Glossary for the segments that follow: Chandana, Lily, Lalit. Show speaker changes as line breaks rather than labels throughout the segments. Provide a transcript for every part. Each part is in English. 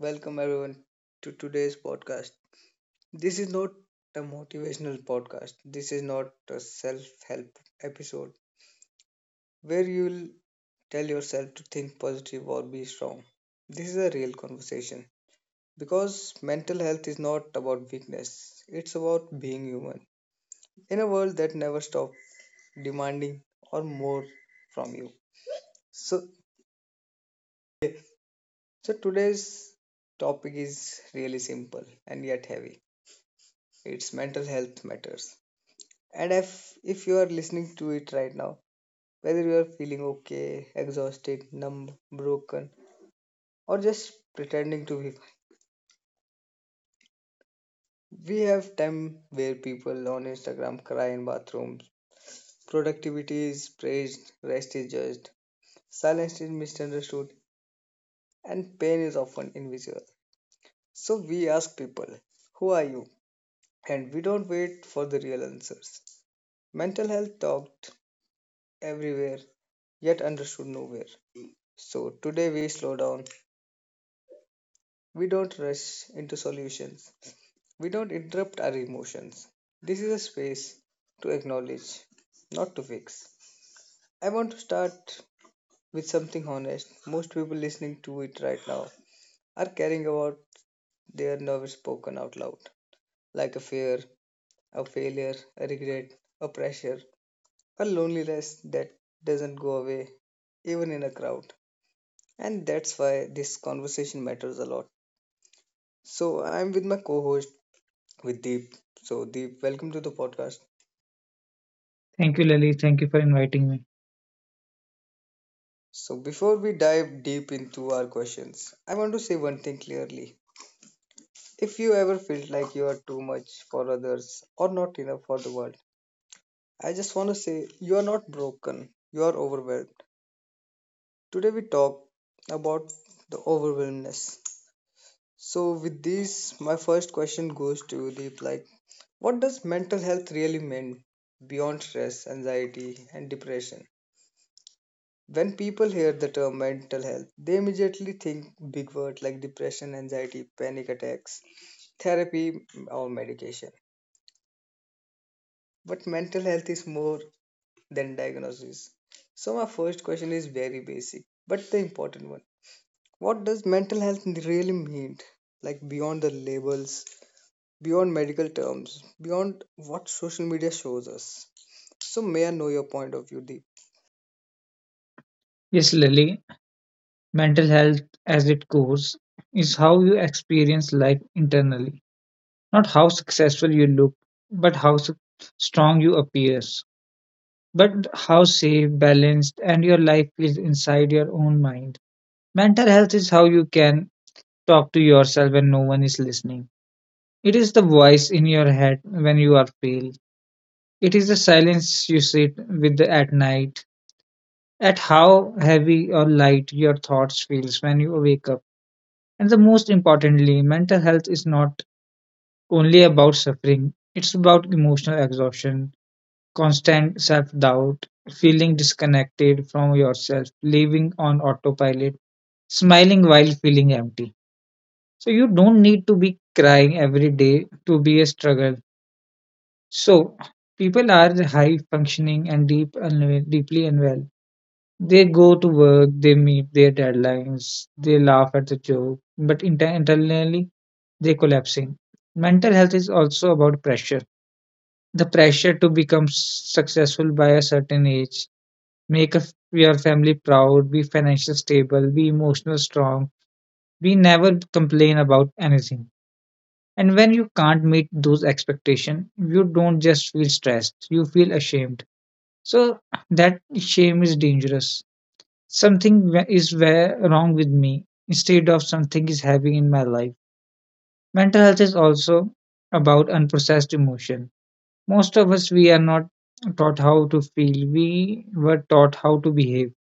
Welcome everyone to today's podcast. This is not a motivational podcast. This is not a self-help episode where you'll tell yourself to think positive or be strong. This is a real conversation because mental health is not about weakness. It's about being human in a world that never stops demanding or more from you. So so today's topic is really simple and yet heavy. It's mental health matters. And if you are listening to it right now, whether you are feeling okay, exhausted, numb, broken, or just pretending to be fine, we have time where people on Instagram cry in bathrooms. Productivity is praised, rest is judged, silence is misunderstood, and pain is often invisible. So we ask people, "Who are you?" and we don't wait for the real answers. Mental health talked everywhere, yet understood nowhere. So today we slow down. We don't rush into solutions. We don't interrupt our emotions. This is a space to acknowledge, not to fix. I want to start with something honest. Most people listening to it right now are caring about their nerves spoken out loud, like a fear, a failure, a regret, a pressure, a loneliness that doesn't go away, even in a crowd. And that's why this conversation matters a lot. So I'm with my co host with Deep. So, Deep, welcome to the podcast.
Thank you, Lily. Thank you for inviting me.
So, before we dive deep into our questions, I want to say one thing clearly. If you ever felt like you are too much for others or not enough for the world, I just want to say you are not broken, you are overwhelmed. Today, we talk about the overwhelmness. So, with this, my first question goes to you, Deep, like, what does mental health really mean beyond stress, anxiety, and depression? When people hear the term mental health, they immediately think big words like depression, anxiety, panic attacks, therapy, or medication. But mental health is more than diagnosis. So, my first question is very basic, but the important one. What does mental health really mean? Like, beyond the labels, beyond medical terms, beyond what social media shows us. So, may I know your point of view, Deep?
Yes, Lily, mental health as it goes is how you experience life internally. Not how successful you look, but how strong you appear, but how safe, balanced, and your life is inside your own mind. Mental health is how you can talk to yourself when no one is listening. It is the voice in your head when you are pale. It is the silence you sit with at night at how heavy or light your thoughts feels when you wake up. And the most importantly, mental health is not only about suffering, it's about emotional exhaustion, constant self-doubt, feeling disconnected from yourself, living on autopilot, smiling while feeling empty. So you don't need to be crying every day to be a struggle. So people are high functioning and deeply unwell. They go to work, they meet their deadlines, they laugh at the joke, but internally they're collapsing. Mental health is also about pressure. The pressure to become successful by a certain age, make your family proud, be financially stable, be emotional strong, be never complain about anything. And when you can't meet those expectations, you don't just feel stressed, you feel ashamed. So that shame is dangerous, something is where wrong with me instead of something is heavy in my life. Mental health is also about unprocessed emotion. Most of us, we are not taught how to feel, we were taught how to behave.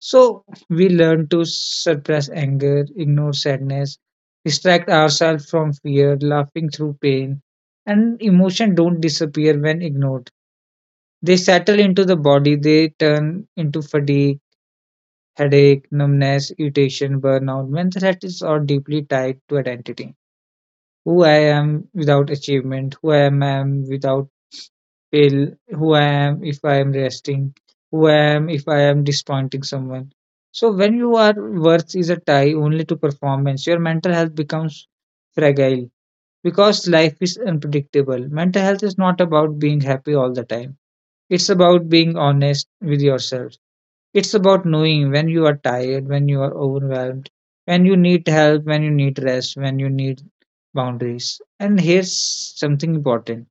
So we learn to suppress anger, ignore sadness, distract ourselves from fear, laughing through pain. And emotion don't disappear when ignored. They settle into the body, they turn into fatigue, headache, numbness, irritation, burnout. Mental health is all deeply tied to identity. Who I am without achievement, who I am without pill, who I am if I am resting, who I am if I am disappointing someone. So when you are worth is a tie only to performance, your mental health becomes fragile because life is unpredictable. Mental health is not about being happy all the time. It's about being honest with yourself. It's about knowing when you are tired, when you are overwhelmed, when you need help, when you need rest, when you need boundaries. And here's something important: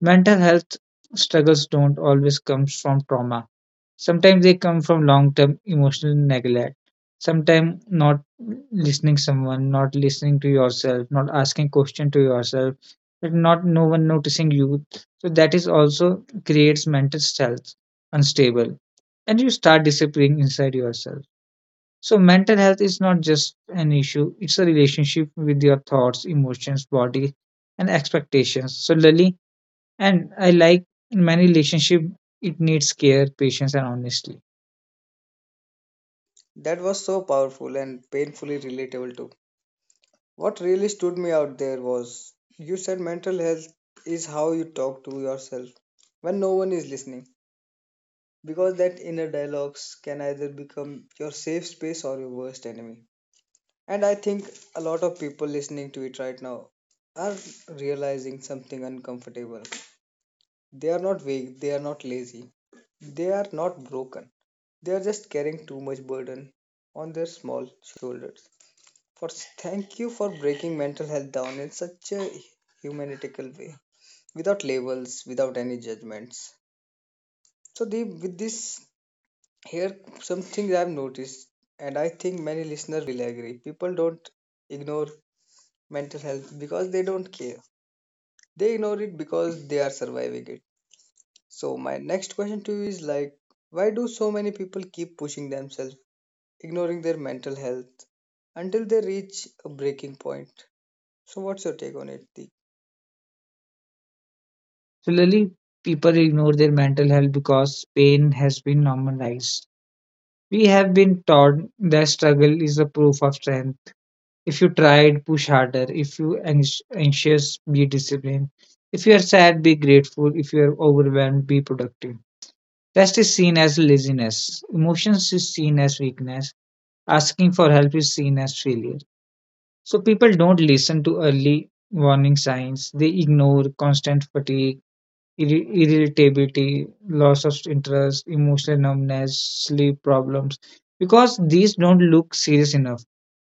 mental health struggles don't always come from trauma. Sometimes they come from long term emotional neglect. Sometimes not listening someone, not listening to yourself, not asking question to yourself, but not no one noticing you. So that is also creates mental health unstable and you start disappearing inside yourself. So, mental health is not just an issue, it's a relationship with your thoughts, emotions, body, and expectations. So, Lily, and I like in many relationship, it needs care, patience, and honesty.
That was so powerful and painfully relatable too. What really stood me out there was you said mental health is how you talk to yourself when no one is listening, because that inner dialogues can either become your safe space or your worst enemy. And I think a lot of people listening to it right now are realizing something uncomfortable. They are not weak, they are not lazy, they are not broken, they are just carrying too much burden on their small shoulders. For thank you for breaking mental health down in such a humanitical way, without labels, without any judgments. So the with this here some things I've noticed, and I think many listeners will agree. People don't ignore mental health because they don't care. They ignore it because they are surviving it. So my next question to you is like, why do so many people keep pushing themselves, ignoring their mental health until they reach a breaking point? So what's your take on it, Deep?
So, Lily, people ignore their mental health because pain has been normalized. We have been taught that struggle is a proof of strength. If you tried, push harder. If you anxious, be disciplined. If you are sad, be grateful. If you are overwhelmed, be productive. Rest is seen as laziness. Emotions is seen as weakness. Asking for help is seen as failure. So people don't listen to early warning signs. They ignore constant fatigue, irritability, loss of interest, emotional numbness, sleep problems, because these don't look serious enough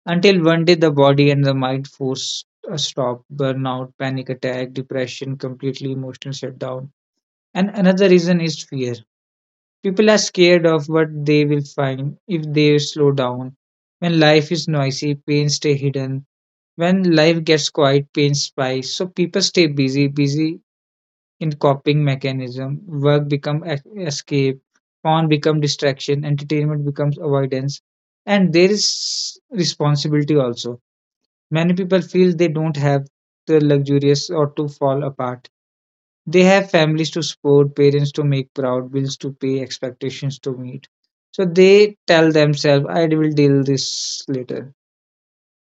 until one day the body and the mind force a stop, burnout, panic attack, depression, completely emotional shutdown. And another reason is fear. People are scared of what they will find if they slow down. When life is noisy, pain stay hidden. When life gets quiet, pain spikes. So people stay busy in coping mechanism. Work become escape, fun become distraction, entertainment becomes avoidance, and there is responsibility also. Many people feel they don't have the luxurious or to fall apart. They have families to support, parents to make proud, bills to pay, expectations to meet. So they tell themselves, I will deal this later.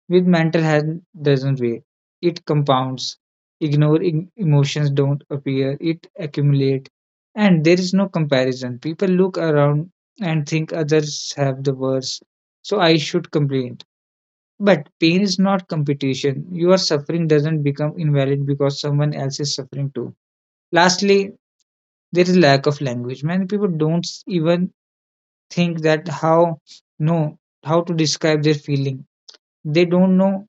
With mental health doesn't wait. It compounds. Ignore emotions don't appear. It accumulate. And there is no comparison. People look around and think others have the worse. So I should complain, but pain is not competition. Your suffering doesn't become invalid because someone else is suffering too. Lastly, there is lack of language. Many people don't even think that how no how to describe their feeling. They don't know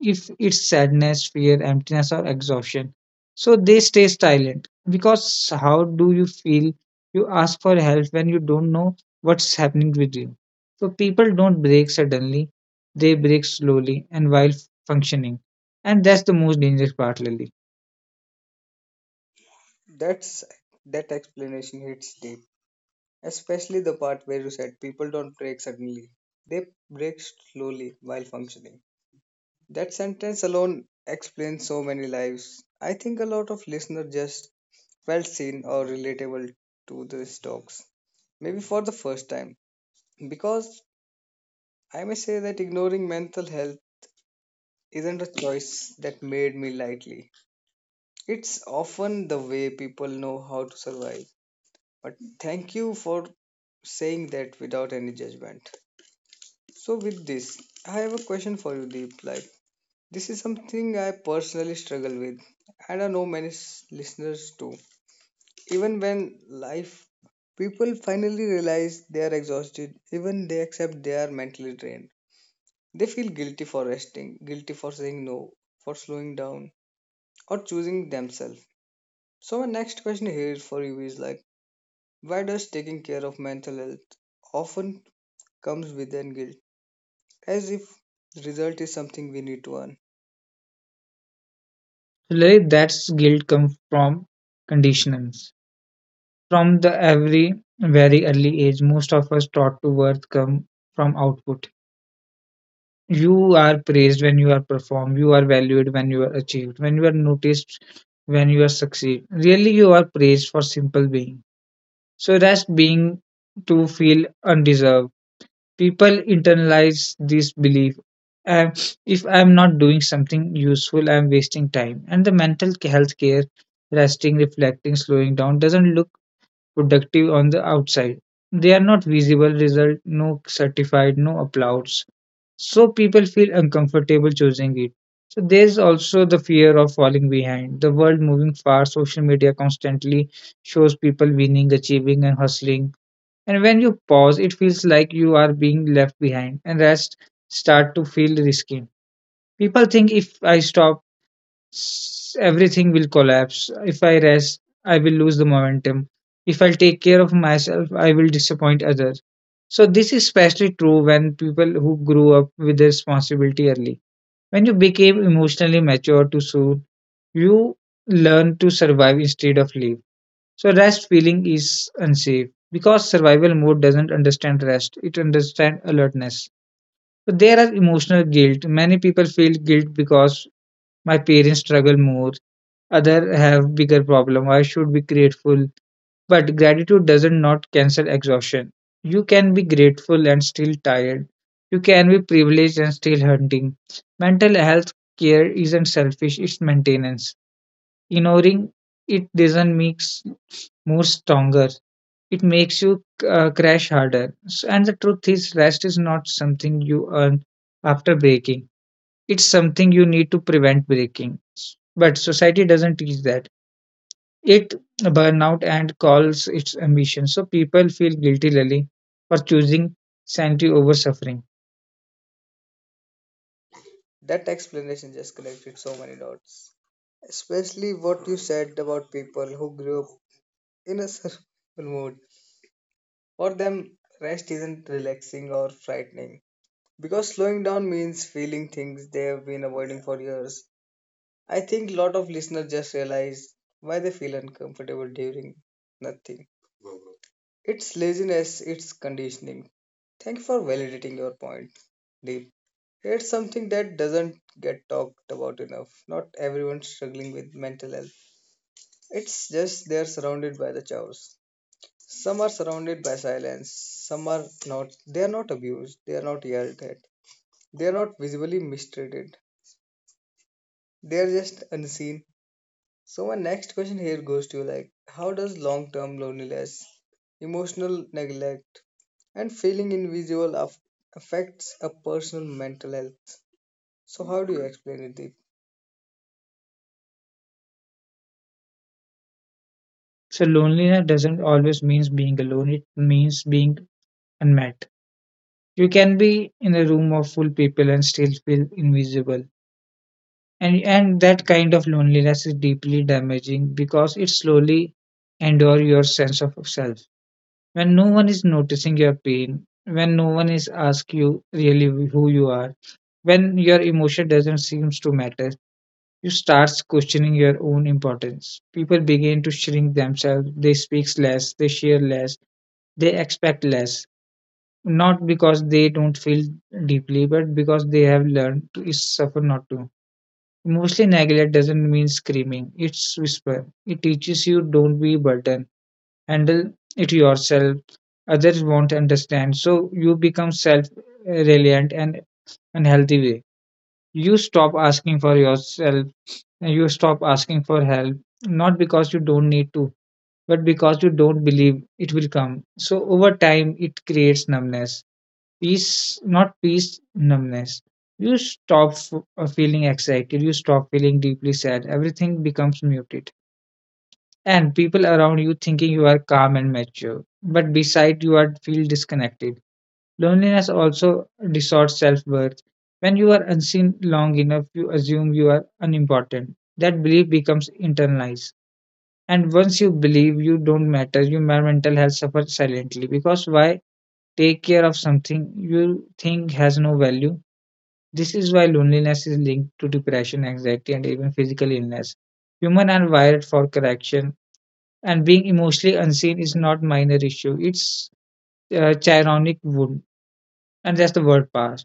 if it's sadness, fear, emptiness, or exhaustion. So they stay silent because how do you feel? You ask for help when you don't know what's happening with you. So people don't break suddenly, they break slowly and while functioning. And that's the most dangerous part, Lily.
That's that explanation hits deep, especially the part where you said people don't break suddenly. They break slowly while functioning. That sentence alone explains so many lives. I think a lot of listeners just felt seen or relatable to these talks, maybe for the first time. Because I may say that ignoring mental health isn't a choice that made me lightly. It's often the way people know how to survive. But thank you for saying that without any judgment. So with this, I have a question for you, Deep. Like this is something I personally struggle with, and I know many listeners too. Even when life, people finally realize they are exhausted. Even they accept they are mentally drained. They feel guilty for resting, guilty for saying no, for slowing down, or choosing themselves. So my next question here for you is like, why does taking care of mental health often comes with an guilt, as if result is something we need to earn.
So, Lily, that's guilt comes from conditions. From the every very early age, most of us taught to worth come from output. You are praised when you are performed, you are valued when you are achieved, when you are noticed, when you are succeed. Really, you are praised for simple being, so rest being to feel undeserved. People internalize this belief. Um, if I am not doing something useful, I am wasting time. And the mental health care, resting, reflecting, slowing down doesn't look productive on the outside. They are not visible result, no certified, no applause, so people feel uncomfortable choosing it. So there's also the fear of falling behind. The world moving fast, social media constantly shows people winning, achieving, and hustling, and when you pause it feels like you are being left behind, and rest start to feel risky. People think, if I stop everything will collapse. If I rest, I will lose the momentum. If I take care of myself, I will disappoint others. So this is especially true when people who grew up with the responsibility early. When you became emotionally mature too soon, you learn to survive instead of live. So rest feeling is unsafe because survival mode doesn't understand rest; it understands alertness. So there are emotional guilt. Many people feel guilt because my parents struggle more, other have bigger problem. I should be grateful? But gratitude doesn't not cancel exhaustion. You can be grateful and still tired. You can be privileged and still hunting. Mental health care isn't selfish, it's maintenance. Ignoring it doesn't make more stronger. It makes you crash harder. And the truth is, rest is not something you earn after breaking. It's something you need to prevent breaking. But society doesn't teach that, it burnout and calls its ambition. So people feel guilty really for choosing sanity over suffering.
That explanation just connected so many dots. Especially what you said about people who grew up in a survival mode. For them, rest isn't relaxing or frightening. Because slowing down means feeling things they have been avoiding for years. I think a lot of listeners just realize why they feel uncomfortable during nothing. It's laziness, it's conditioning. Thank you for validating your point, Deep. It's something that doesn't get talked about enough. Not everyone's struggling with mental health. It's just they're surrounded by the chores. Some are surrounded by silence. Some are not. They are not abused. They are not yelled at. They are not visibly mistreated. They are just unseen. So my next question here goes to you, like, how does long-term loneliness, emotional neglect, and feeling invisible affects a person's mental health? So how do you explain it?
So loneliness doesn't always means being alone. It means being unmet. You can be in a room of full people and still feel invisible. And that kind of loneliness is deeply damaging because it slowly endures your sense of self. When no one is noticing your pain, when no one is asking you really who you are, when your emotion doesn't seem to matter, you start questioning your own importance. People begin to shrink themselves, they speak less, they share less, they expect less, not because they don't feel deeply, but because they have learned to suffer. Not to, emotionally neglect doesn't mean screaming, it's whisper. It teaches you, don't be burden, handle it yourself, others won't understand. So you become self reliant and unhealthy way. You stop asking for yourself and you stop asking for help, not because you don't need to, but because you don't believe it will come. So over time it creates numbness, peace, not peace, numbness. You stop feeling excited, you stop feeling deeply sad, everything becomes muted, and people around you thinking you are calm and mature, but beside you are feel disconnected. Loneliness also distorts self worth. When you are unseen long enough, you assume you are unimportant. That belief becomes internalized. And once you believe you don't matter, your mental health suffers silently. Because why take care of something you think has no value? This is why loneliness is linked to depression, anxiety, and even physical illness. Human are wired for correction, and being emotionally unseen is not minor issue. It's a chironic wound, and that's the word power.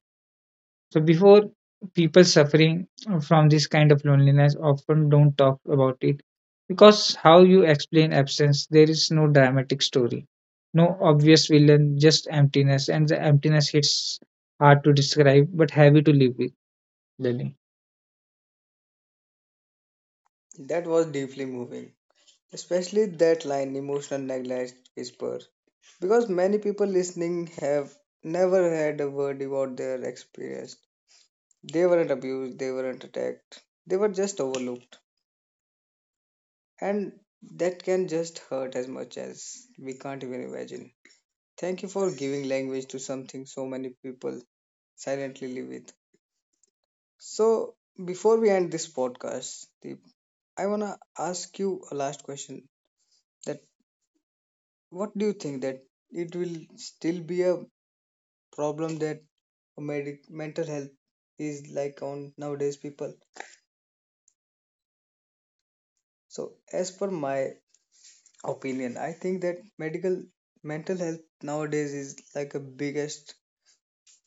So before, people suffering from this kind of loneliness often don't talk about it because how you explain absence. There is no dramatic story, no obvious villain, just emptiness, and the emptiness hits hard to describe but heavy to live with, Lily.
That was deeply moving, especially that line emotional neglect whispers, because many people listening have never had a word about their experience. They weren't abused, they weren't attacked, they were just overlooked, and that can just hurt as much as we can't even imagine. Thank you for giving language to something so many people silently live with. So, before we end this podcast, Deep, I wanna ask you a last question. That. What do you think that it will still be a problem that mental health is like on nowadays people? So as per my opinion, I think that medical mental health nowadays is like a biggest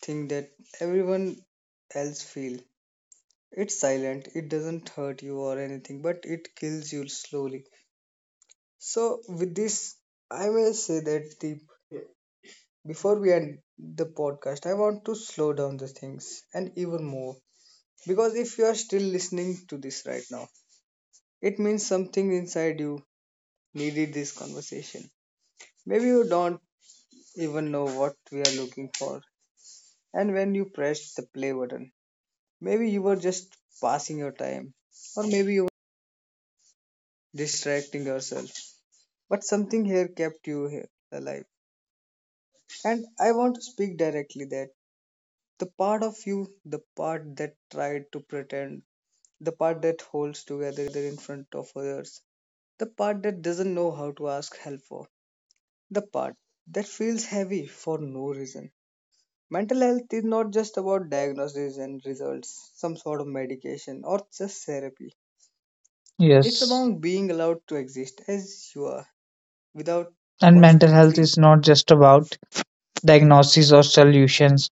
thing that everyone else feel. It's silent, it doesn't hurt you or anything, but it kills you slowly. So with this, I may say that the before we end the podcast, I want to slow down the things and even more. Because if you are still listening to this right now, it means something inside you needed this conversation. Maybe you don't even know what we are looking for. And when you pressed the play button, maybe you were just passing your time, or maybe you were distracting yourself. But something here kept you here alive. And I want to speak directly that the part of you, the part that tried to pretend the part that holds together in front of others, the part that doesn't know how to ask help for, the part that feels heavy for no reason. Mental health is not just about diagnoses and results, some sort of medication, or just therapy. It's
Yes,
about being allowed to exist as you are without
and mental health
constantly
is not just about diagnoses or solutions,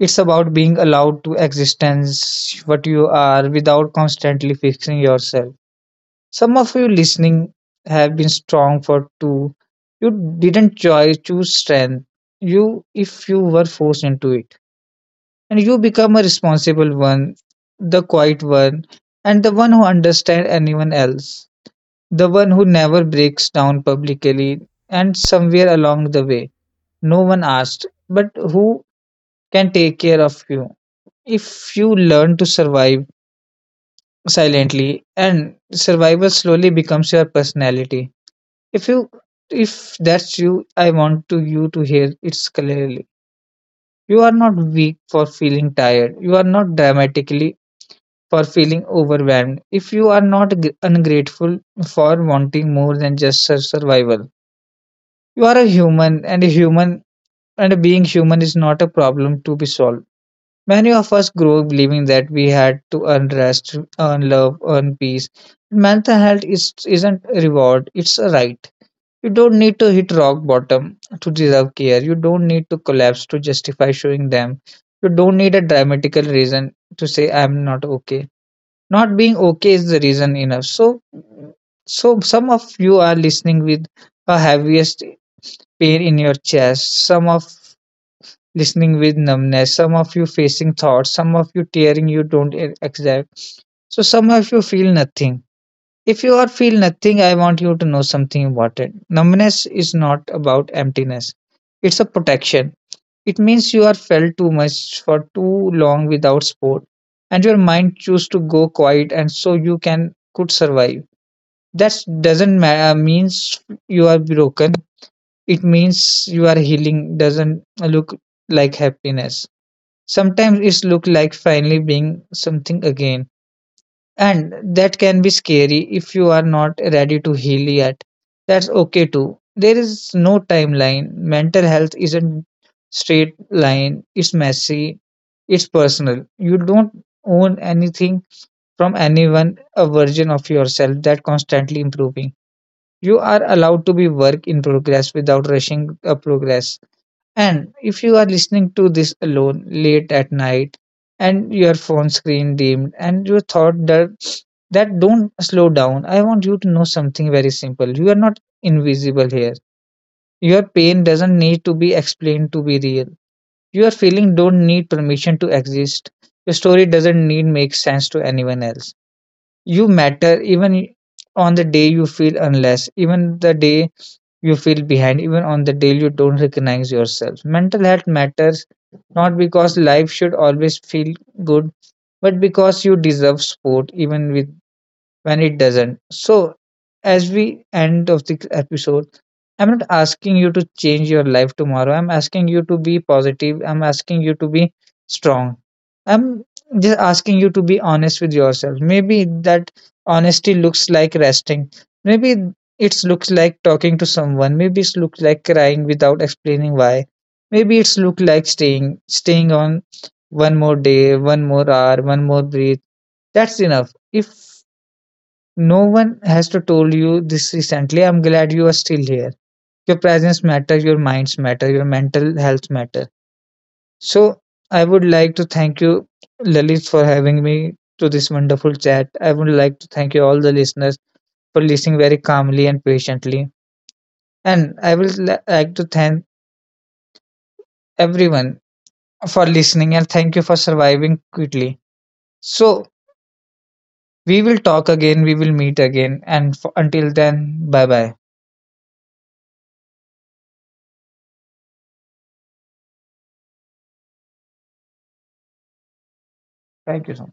it's about being allowed to existence what you are without constantly fixing yourself. Some of you listening have been strong for two. You didn't choose strength. You, if you were forced into it, and you become a responsible one, the quiet one, and the one who understands anyone else, the one who never breaks down publicly. And somewhere along the way, no one asked, but who can take care of you? If you learn to survive silently, and survival slowly becomes your personality. If you if that's you, I want to you to hear it clearly. You are not weak for feeling tired. You are not dramatically for feeling overwhelmed. If you are not ungrateful for wanting more than just survival, you are a human, and being human is not a problem to be solved. Many of us grow believing that we had to earn rest, earn love, earn peace. Mental health is isn't a reward; it's a right. You don't need to hit rock bottom to deserve care. You don't need to collapse to justify showing them. You don't need a dramatical reason to say I'm not okay. Not being okay is the reason enough. So, some of you are listening with a heaviest pain in your chest. Some of listening with numbness. Some of you facing thoughts. Some of you tearing you don't exact. So some of you feel nothing. If you are feel nothing, I want you to know something about it. Numbness is not about emptiness. It's a protection. It means you are felt too much for too long without support, and your mind choose to go quiet, and so you can could survive. That doesn't means you are broken. It means you are healing. Doesn't look like happiness. Sometimes it look like finally being something again, and that can be scary. If you are not ready to heal yet, that's okay too. There is no timeline. Mental health isn't straight line. It's messy. It's personal. You don't own anything from anyone, a version of yourself that constantly improving. You are allowed to be work in progress without rushing a progress. And if you are listening to this alone late at night, and your phone screen dimmed, and you thought that don't slow down, I want you to know something very simple. You are not invisible here. Your pain doesn't need to be explained to be real. Your feeling don't need permission to exist. Your story doesn't need make sense to anyone else. You matter even on the day you feel unless, even the day you feel behind, even on the day you don't recognize yourself. Mental health matters not because life should always feel good, but because you deserve support even with when it doesn't. So, as we end of the episode, I'm not asking you to change your life tomorrow. I'm asking you to be positive. I'm asking you to be strong. I'm just asking you to be honest with yourself. Maybe that honesty looks like resting. Maybe it looks like talking to someone. Maybe it looks like crying without explaining why. Maybe it's look like staying on one more day, one more hour, one more breath. That's enough. If no one has to told you this recently, I'm glad you are still here. Your presence matter, your minds matter, your mental health matter. So I would like to thank you, Lalit, for having me to this wonderful chat. I would like to thank you all the listeners for listening very calmly and patiently. And I would like to thank everyone for listening, and thank you for surviving quickly. So we will talk again, we will meet again, and until then, bye bye. Thank you so much.